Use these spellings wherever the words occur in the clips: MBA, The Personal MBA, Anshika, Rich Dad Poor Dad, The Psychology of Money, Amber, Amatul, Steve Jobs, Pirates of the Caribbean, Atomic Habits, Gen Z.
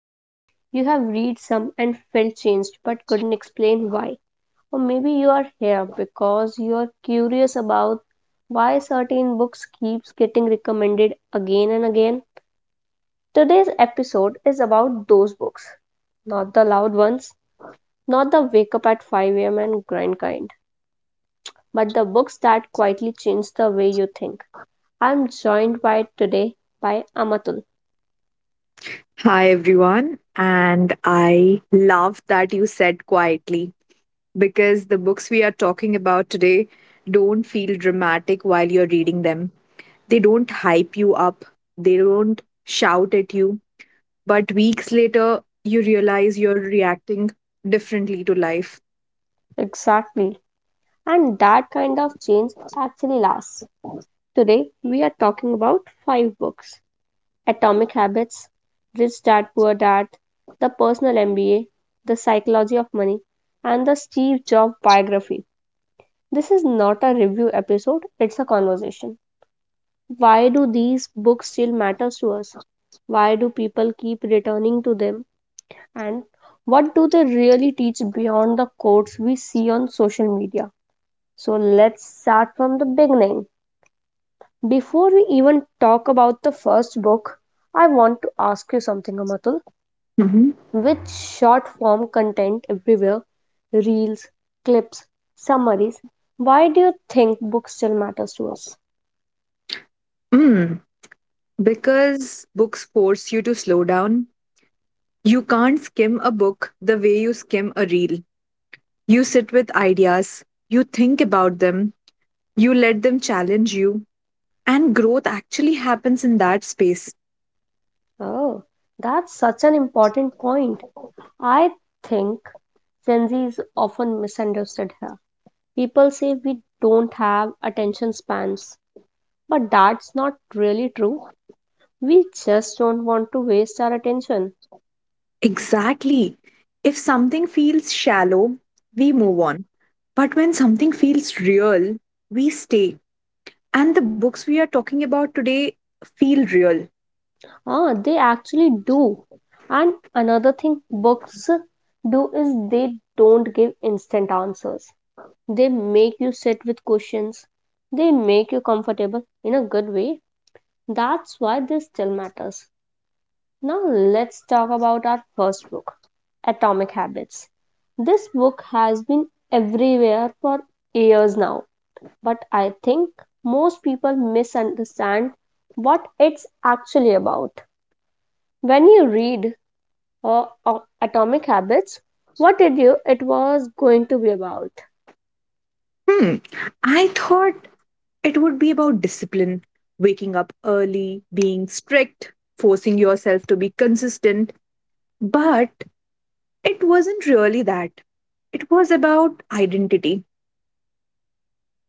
Maybe you have read some and felt changed but couldn't explain why. Or maybe you are here because you are curious about why certain books keeps getting recommended again and again. Today's episode is about those books, not the loud ones, not the wake up at 5 a.m. and grind kind, but the books that quietly change the way you think. I'm joined by today by Amatul. Hi, everyone. And I love that you said quietly because the books we are talking about today don't feel dramatic while you're reading them. They don't hype you up, they don't shout at you. But weeks later, you realize you're reacting differently to life. Exactly. And that kind of change actually lasts. Today we are talking about five books: Atomic Habits, Rich Dad Poor Dad, The Personal MBA, The Psychology of Money, and the Steve Jobs biography. This is not a review episode, it's a conversation. Why do these books still matter to us? Why do people keep returning to them? And what do they really teach beyond the quotes we see on social media? So let's start from the beginning. Before we even talk about the first book, I want to ask you something, Amatul. Hmm. With short form content everywhere, reels, clips, summaries, why do you think books still matter to us? Mm. Because books force you to slow down. You can't skim a book the way you skim a reel. You sit with ideas, you think about them, you let them challenge you, and growth actually happens in that space. Oh, that's such an important point. I think Gen Z is often misunderstood here. People say we don't have attention spans, but that's not really true. We just don't want to waste our attention. Exactly. If something feels shallow, we move on. But when something feels real, we stay. And the books we are talking about today feel real. Ah, they actually do. And another thing books do is they don't give instant answers. They make you sit with questions. They make you comfortable in a good way. That's why this still matters. Now, let's talk about our first book, Atomic Habits. This book has been everywhere for years now, but I think most people misunderstand what it's actually about. When you read Atomic Habits, what did you it was going to be about? Hmm. I thought it would be about discipline, waking up early, being strict, forcing yourself to be consistent. But it wasn't really that. It was about identity.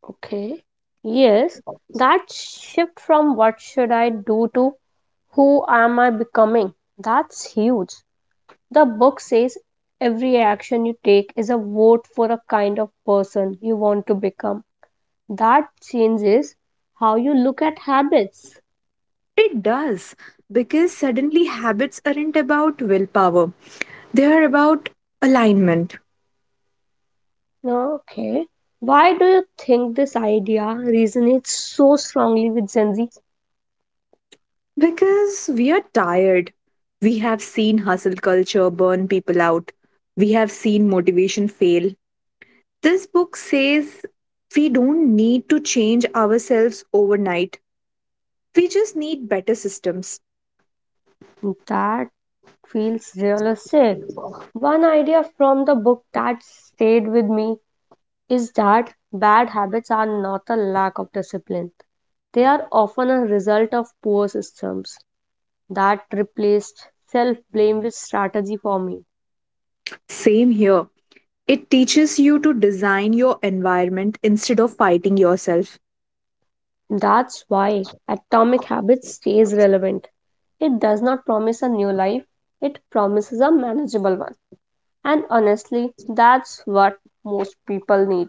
Okay. Yes, that shift from what should I do to who am I becoming? That's huge. The book says every action you take is a vote for a kind of person you want to become. That changes how you look at habits. It does, because suddenly habits aren't about willpower, they are about alignment. Okay. Why do you think this idea resonates so strongly with Gen Z? Because we are tired. We have seen hustle culture burn people out. We have seen motivation fail. This book says we don't need to change ourselves overnight. We just need better systems. That feels realistic. One idea from the book that stayed with me is that bad habits are not a lack of discipline. They are often a result of poor systems. That replaced self blame with strategy for me. Same here. It teaches you to design your environment instead of fighting yourself. That's why Atomic Habits stays relevant. It does not promise a new life, it promises a manageable one. And honestly, that's what most people need.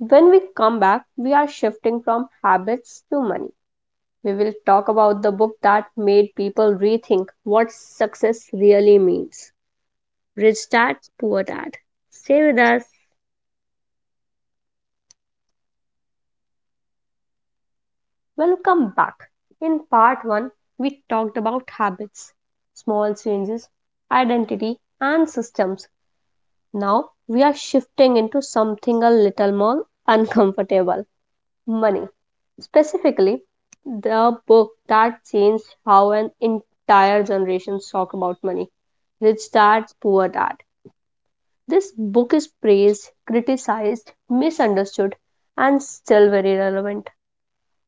When we come back, we are shifting from habits to money. We will talk about the book that made people rethink what success really means: Rich Dad, Poor Dad. Stay with us. Welcome back. In part 1, we talked about habits, small changes, identity, and systems. Now we are shifting into something a little more uncomfortable: money. Specifically, the book that changed how an entire generation talk about money: Rich Dad, Poor Dad. This book is praised, criticized, misunderstood, and still very relevant.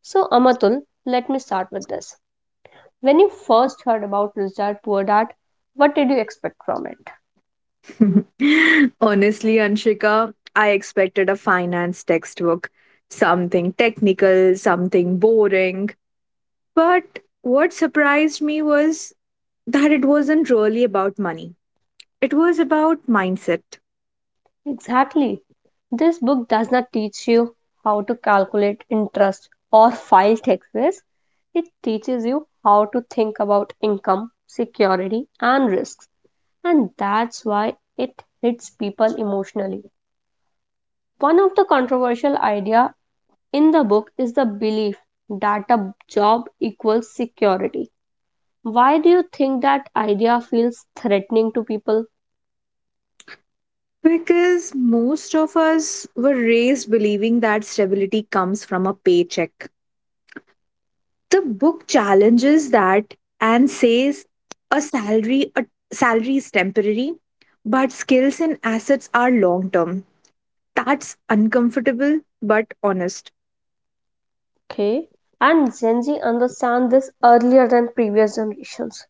So, Amatul, let me start with this. When you first heard about Richard Puordart, what did you expect from it? Honestly, Anshika, I expected a finance textbook, something technical, something boring. But what surprised me was that it wasn't really about money, it was about mindset. Exactly. This book does not teach you how to calculate interest or file taxes. It teaches you how to think about income, security, and risks. And that's why it hits people emotionally. One of the controversial ideas in the book is the belief that a job equals security. Why do you think that idea feels threatening to people? Because most of us were raised believing that stability comes from a paycheck. The book challenges that and says a salary is temporary, but skills and assets are long term. That's uncomfortable but honest. Okay. And Gen Z understand this earlier than previous generations.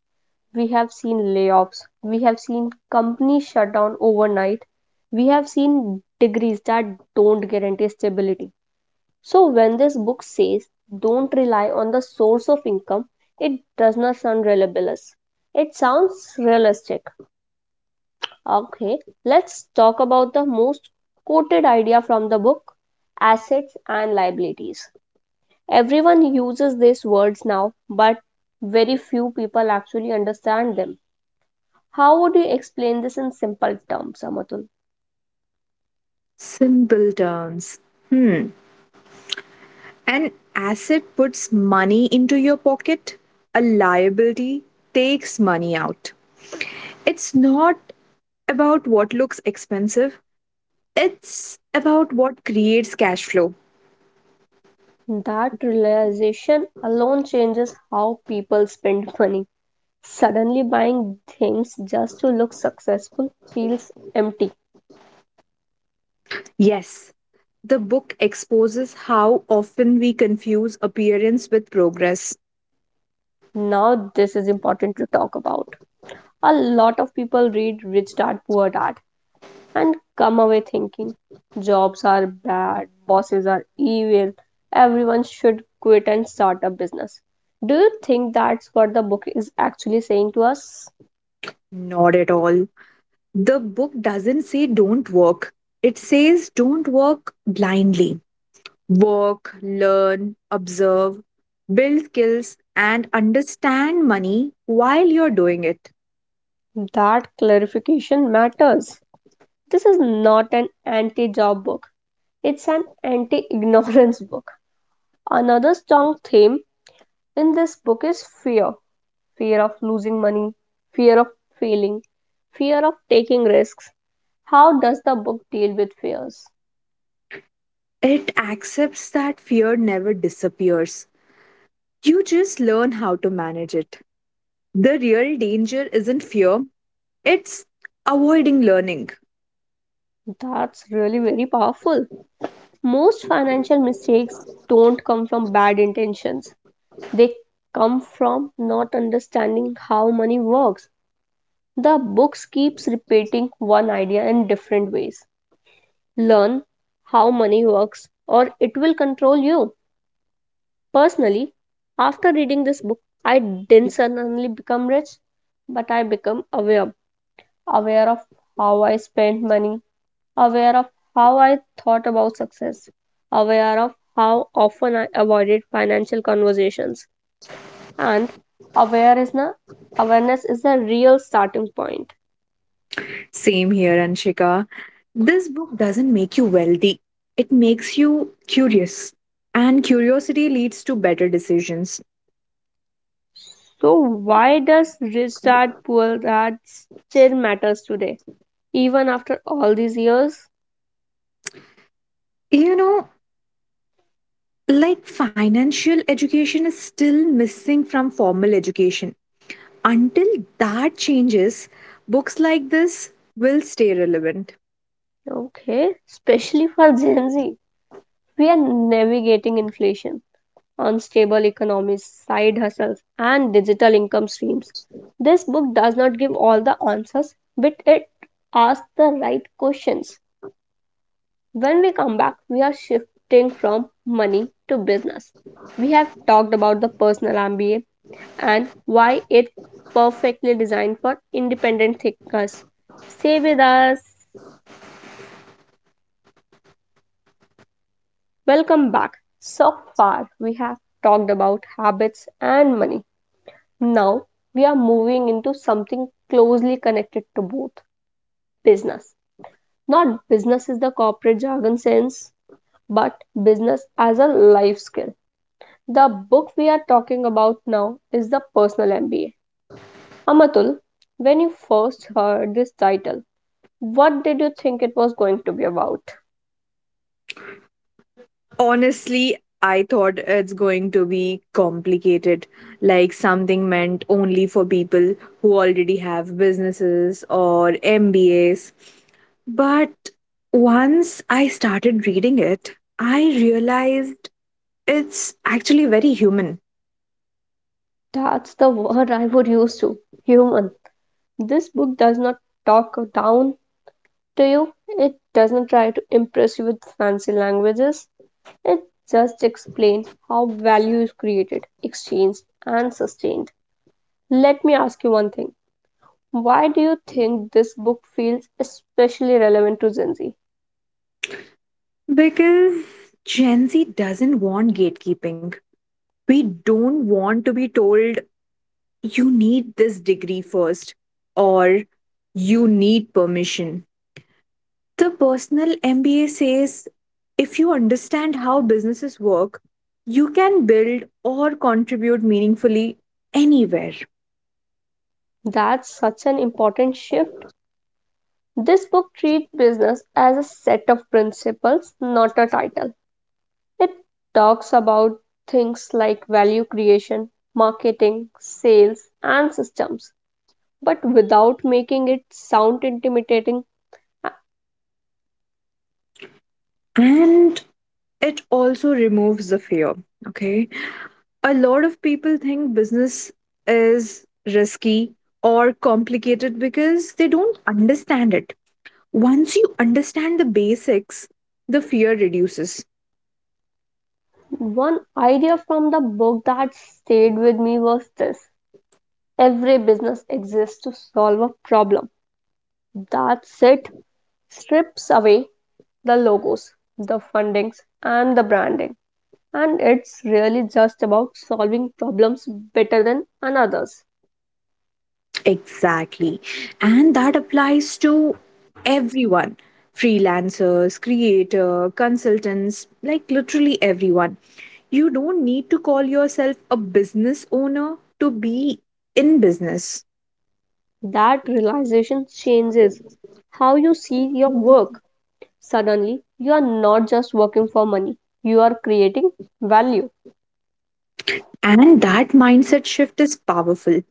We have seen layoffs, we have seen companies shut down overnight, we have seen degrees that don't guarantee stability. So, when this book says don't rely on the source of income, it does not sound libelous. It sounds realistic. Okay, let's talk about the most quoted idea from the book: assets and liabilities. Everyone uses these words now, but very few people actually understand them. How would you explain this in simple terms, Amatul? Simple terms. Hmm. An asset puts money into your pocket, a liability takes money out. It's not about what looks expensive, it's about what creates cash flow. That realization alone changes how people spend money. Suddenly, buying things just to look successful feels empty. Yes, the book exposes how often we confuse appearance with progress. Now, this is important to talk about. A lot of people read Rich Dad Poor Dad and come away thinking jobs are bad, bosses are evil, everyone should quit and start a business. Do you think that's what the book is actually saying to us? Not at all. The book doesn't say don't work, it says don't work blindly. Work, learn, observe, build skills, and understand money while you're doing it. That clarification matters. This is not an anti job book, it's an anti ignorance book. Another strong theme in this book is fear: fear of losing money, fear of failing, fear of taking risks. How does the book deal with fears? It accepts that fear never disappears. You just learn how to manage it. The real danger isn't fear, it's avoiding learning. That's really very powerful. Most financial mistakes don't come from bad intentions. They come from not understanding how money works. The books keeps repeating one idea in different ways. Learn how money works or it will control you. Personally, after reading this book, I didn't suddenly become rich, but I become aware, aware of how I spend money, aware of how I thought about success, aware of how often I avoided financial conversations, and aware is na, awareness is the real starting point. Same here, Anshika. This book doesn't make you wealthy, it makes you curious. And curiosity leads to better decisions. So, why does rich dad, poor dad still matters today, even after all these years? You know, like financial education is still missing from formal education. Until that changes, books like this will stay relevant. Okay, especially for Gen Z, we are navigating inflation, unstable economies, side hustles, and digital income streams. This book does not give all the answers, but it asks the right questions. When we come back, we are shifting from money to business. We have talked about the personal MBA and why it's perfectly designed for independent thinkers. Stay with us. Welcome back. So far, we have talked about habits and money. Now we are moving into something closely connected to both: business. Not business is the corporate jargon sense, but business as a life skill. The book we are talking about now is the Personal MBA. Amatul, when you first heard this title, what did you think it was going to be about? Honestly, I thought it's going to be complicated, like something meant only for people who already have businesses or MBAs. But once I started reading it, I realized it's actually very human. That's the word I would use to: human. This book does not talk down to you, it doesn't try to impress you with fancy languages. It just explains how value is created, exchanged, and sustained. Let me ask you one thing. Why do you think this book feels especially relevant to Gen Z? Because Gen Z doesn't want gatekeeping. We don't want to be told you need this degree first or you need permission. The personal MBA says if you understand how businesses work, you can build or contribute meaningfully anywhere. That's such an important shift. This book treats business as a set of principles, not a title. It talks about things like value creation, marketing, sales, and systems, but without making it sound intimidating. And it also removes the fear. Okay. A lot of people think business is risky or complicated because they don't understand it. Once you understand the basics, the fear reduces. One idea from the book that stayed with me was this: every business exists to solve a problem. That's it, strips away the logos, the fundings, and the branding. And it's really just about solving problems better than another's. Exactly. And that applies to everyone, freelancers, creator, consultants, like literally everyone. You don't need to call yourself a business owner to be in business. That realization changes how you see your work. Suddenly, you are not just working for money, you are creating value. And that mindset shift is powerful.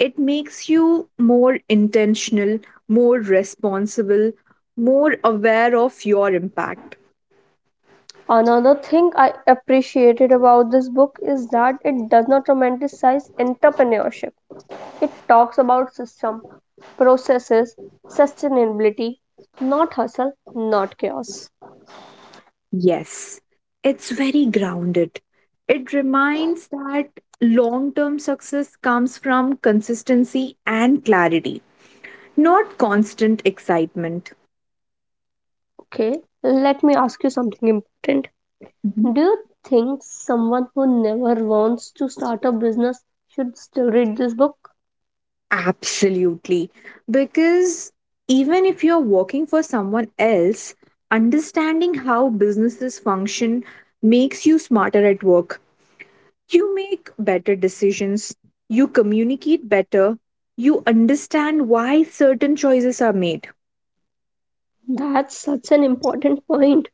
It makes you more intentional, more responsible, more aware of your impact. Another thing I appreciated about this book is that it does not romanticize entrepreneurship. It talks about system, processes, sustainability, not hustle, not chaos. Yes, it's very grounded. It reminds that long term success comes from consistency and clarity, not constant excitement. Okay, let me ask you something important. Do you think someone who never wants to start a business should still read this book? Absolutely. Because even if you're working for someone else, understanding how businesses function makes you smarter at work. You make better decisions, you communicate better, you understand why certain choices are made. That's such an important point.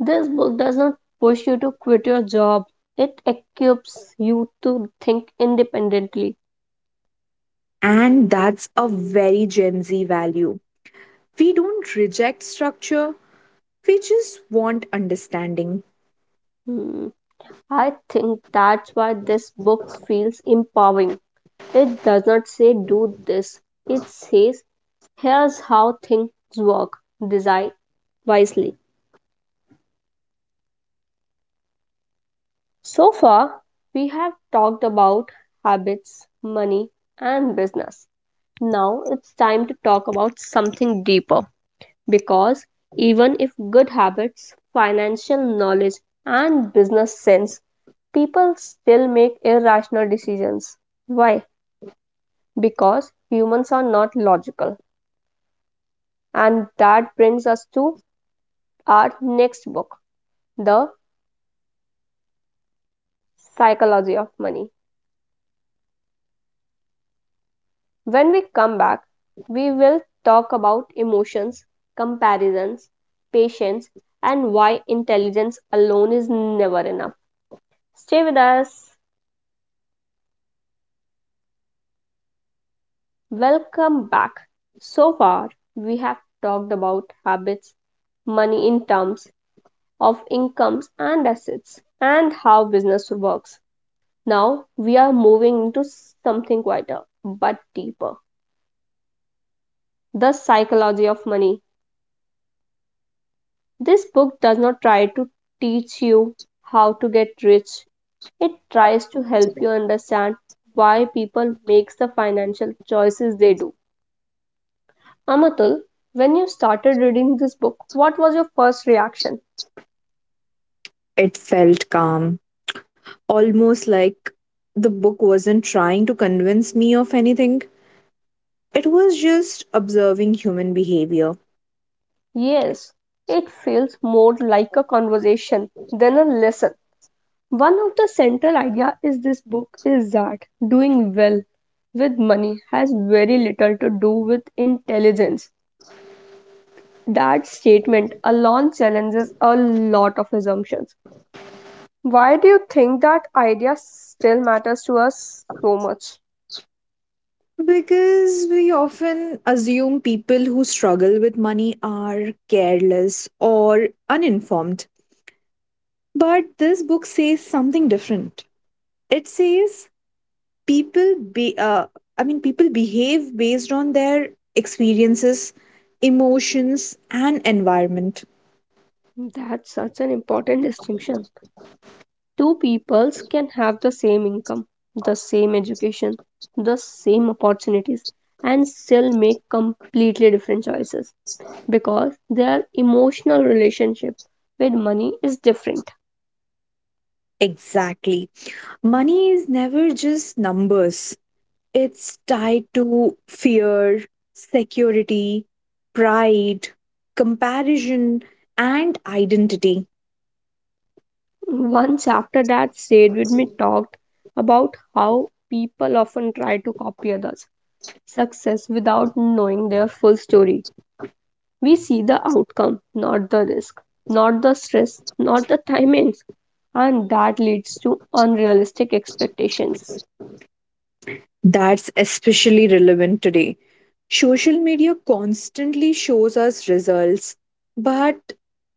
This book does not push you to quit your job, it equips you to think independently. And that's a very Gen Z value. We don't reject structure, we just want understanding. Hmm, I think that's why this book feels empowering. It does not say do this, it says here's how things work, design wisely. So far, we have talked about habits, money, and business. Now it's time to talk about something deeper. Because even if good habits, financial knowledge, and business sense, people still make irrational decisions. Why? Because humans are not logical. And that brings us to our next book, The Psychology of Money. When we come back, we will talk about emotions, comparisons, patience, and why intelligence alone is never enough. Stay with us. Welcome back. So far, we have talked about habits, money in terms of incomes and assets, and how business works. Now, we are moving into something quieter but deeper: the psychology of money. This book does not try to teach you how to get rich, it tries to help you understand why people make the financial choices they do. Amatul, when you started reading this book, what was your first reaction? It felt calm, almost like the book wasn't trying to convince me of anything. It was just observing human behavior. Yes, it feels more like a conversation than a lesson. One of the central ideas is this book is that doing well with money has very little to do with intelligence. That statement alone challenges a lot of assumptions. Why do you think that idea still matters to us so much? Because we often assume people who struggle with money are careless or uninformed. But this book says something different. It says people be I mean people behave based on their experiences, emotions and environment. That's such an important distinction. Two peoples can have the same income, the same education, the same opportunities, and still make completely different choices because their emotional relationship with money is different. Exactly. Money is never just numbers. It's tied to fear, security, pride, comparison and identity. One chapter that stayed with me talked about how people often try to copy others' success without knowing their full story. We see the outcome, not the risk, not the stress, not the timings, and that leads to unrealistic expectations. That's especially relevant today. Social media constantly shows us results, but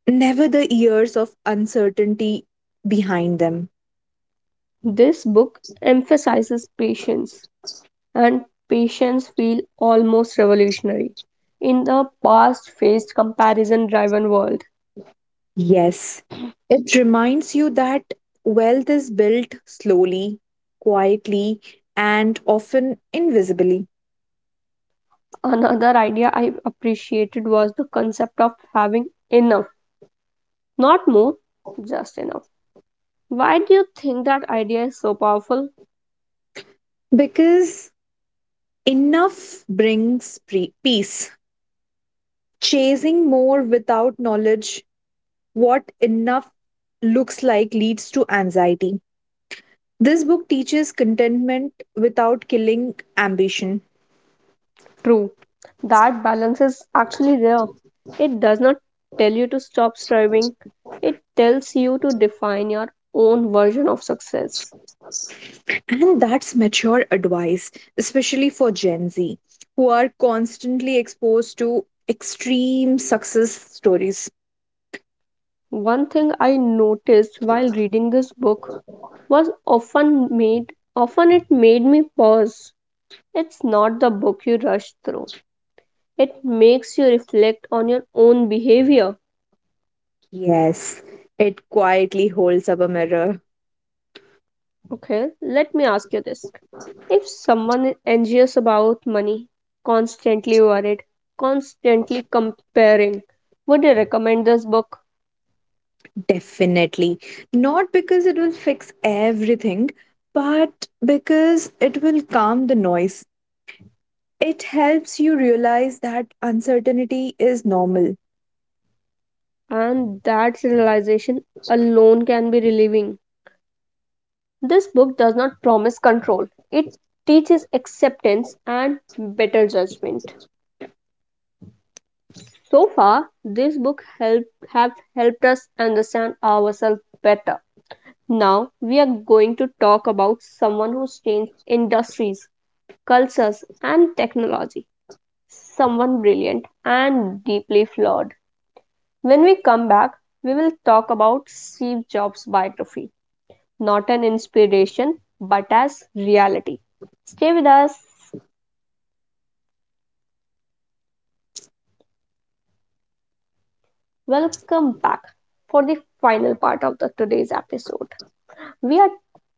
never the years of uncertainty behind them. This book emphasizes patience, and patience feels almost revolutionary in the past faced comparison driven world. Yes, it reminds you that wealth is built slowly, quietly, and often invisibly. Another idea I appreciated was the concept of having enough, not more, just enough. Why do you think that idea is so powerful? Because enough brings peace. Chasing more without knowledge what enough looks like leads to anxiety. This book teaches contentment without killing ambition. True, that balance is actually rare. It does not tell you to stop striving, it tells you to define your own version of success. And that's mature advice, especially for Gen Z, who are constantly exposed to extreme success stories. One thing I noticed while reading this book was often made often it made me pause. It's not the book you rush through. It makes you reflect on your own behavior. Yes, it quietly holds up a mirror. Okay, let me ask you this. If someone is anxious about money, constantly worried, constantly comparing, would you recommend this book? Definitely. Not because it will fix everything, but because it will calm the noise. It helps you realize that uncertainty is normal. And that realization alone can be relieving. This book does not promise control, it teaches acceptance and better judgment. So far, this book have helped us understand ourselves better. Now, we are going to talk about someone who's changed industries, cultures, and technology. Someone brilliant and deeply flawed. When we come back, we will talk about Steve Jobs' biography, not an inspiration, but as reality. Stay with us. Welcome back for the final part of the today's episode. We are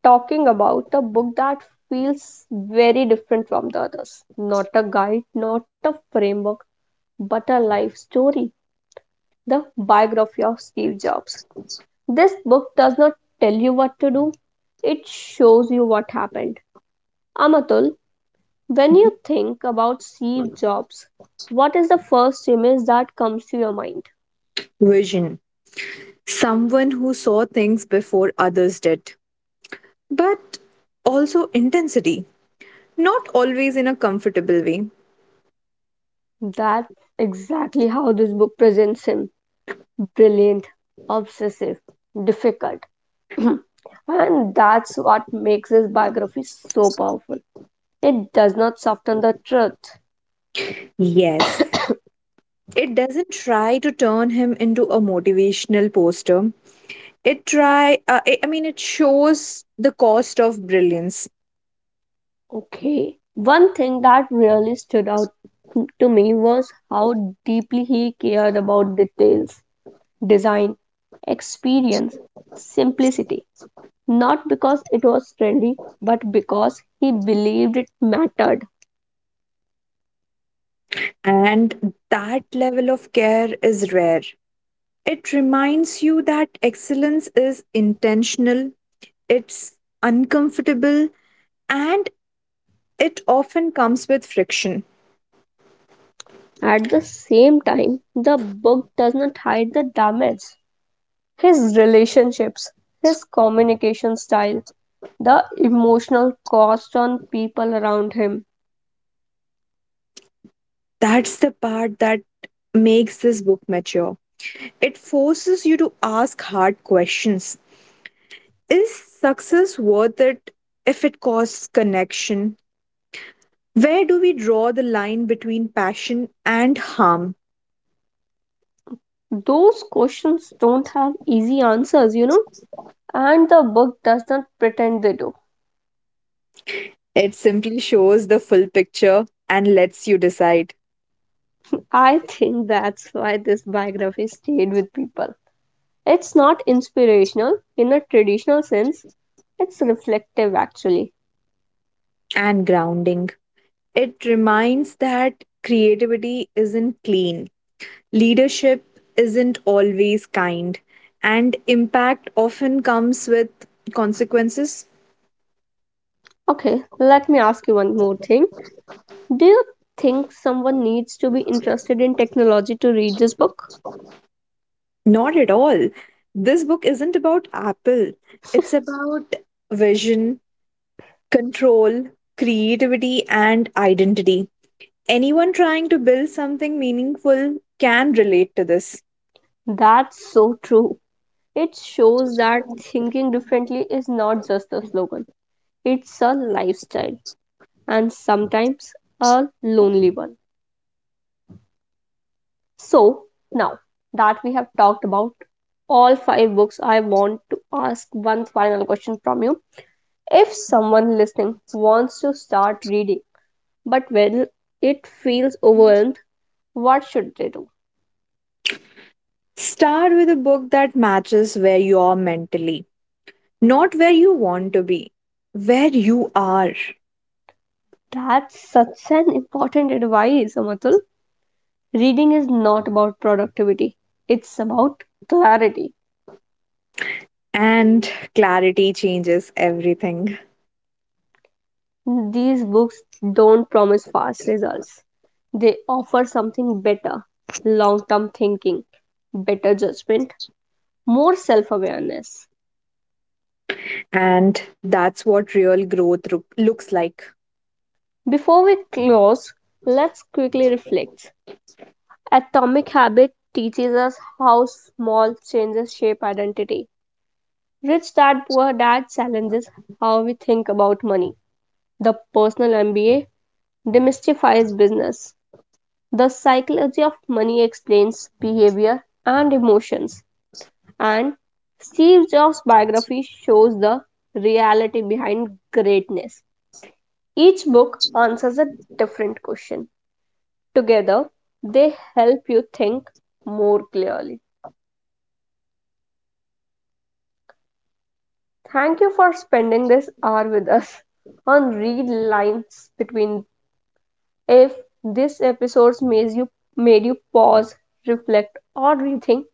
talking about a book that feels very different from the others. Not a guide, not a framework, but a life story. The biography of Steve Jobs. This book does not tell you what to do, it shows you what happened. Amatul, when you think about Steve Jobs, what is the first image that comes to your mind? Vision. Someone who saw things before others did. But also intensity. Not always in a comfortable way. That's exactly how this book presents him: brilliant, obsessive, difficult. And that's what makes his biography so powerful. It does not soften the truth. Yes. It doesn't try to turn him into a motivational poster. It try I mean It shows the cost of brilliance. Okay. One thing that really stood out to me was how deeply he cared about details, design, experience, simplicity. Not because it was trendy, but because he believed it mattered. And that level of care is rare. It reminds you that excellence is intentional, it's uncomfortable, and it often comes with friction. At the same time, the book does not hide the damage. His relationships, his communication style, the emotional cost on people around him. That's the part that makes this book mature. It forces you to ask hard questions. Is success worth it if it costs connection? Where do we draw the line between passion and harm? Those questions don't have easy answers, and the book does not pretend they do. It simply shows the full picture and lets you decide. I think that's why this biography stayed with people. It's not inspirational in a traditional sense, it's reflective actually. And grounding. It reminds that creativity isn't clean. Leadership isn't always kind, and impact often comes with consequences. Okay, let me ask you one more thing. Do you think someone needs to be interested in technology to read this book? Not at all. This book isn't about Apple, it's about vision, control, creativity, and identity. Anyone trying to build something meaningful can relate to this. That's so true. It shows that thinking differently is not just a slogan, it's a lifestyle, and sometimes a lonely one. So, now that we have talked about all five books, I want to ask one final question from you. If someone listening wants to start reading but when it feels overwhelmed, what should they do? Start with a book that matches where you are mentally, not where you want to be, where you are. That's such an important advice, Amatul. Reading is not about productivity, it's about clarity. And clarity changes everything. These books don't promise fast results. They offer something better: long term thinking, better judgment, more self awareness. And that's what real growth looks like. Before we close, let's quickly reflect. Atomic Habit teaches us how small changes shape identity. Rich Dad Poor Dad challenges how we think about money. The Personal MBA demystifies business. The psychology of money explains behavior and emotions, and Steve Jobs' biography shows the reality behind greatness. Each book answers a different question. Together, they help you think more clearly. Thank you for spending this hour with us on Read Lines Between. If this episode made you pause, reflect, or rethink,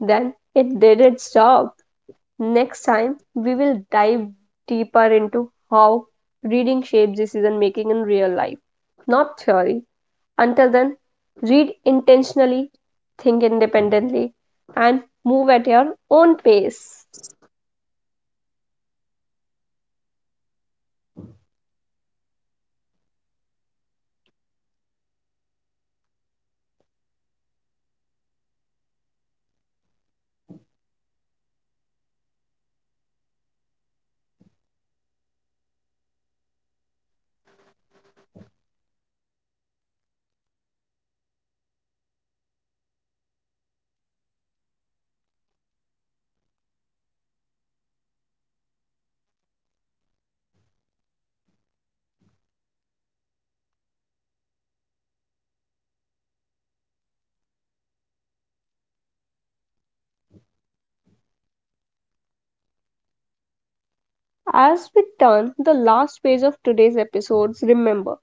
then it did its job. Next time, we will dive deeper into how reading shapes decision making in real life, not theory. Until then, read intentionally, think independently, and move at your own pace. As we turn the last page of today's episodes, remember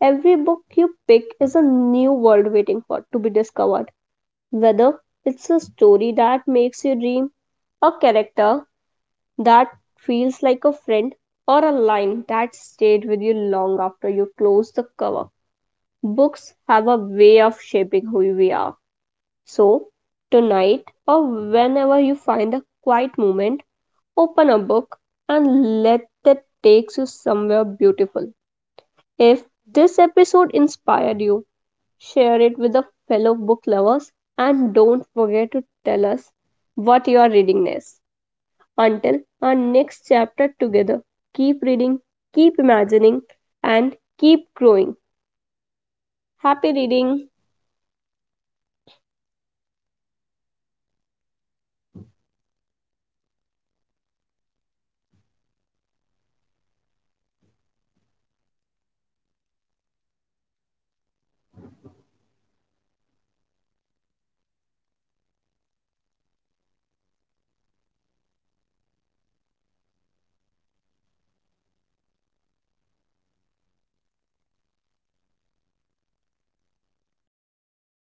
every book you pick is a new world waiting for to be discovered. Whether it's a story that makes you dream, a character that feels like a friend, or a line that stayed with you long after you closed the cover. Books have a way of shaping who we are. So, tonight or whenever you find a quiet moment, open a book and let that take you somewhere beautiful. If this episode inspired you, share it with the fellow book lovers and don't forget to tell us what you are reading next. Until our next chapter together, keep reading, keep imagining, and keep growing. Happy reading!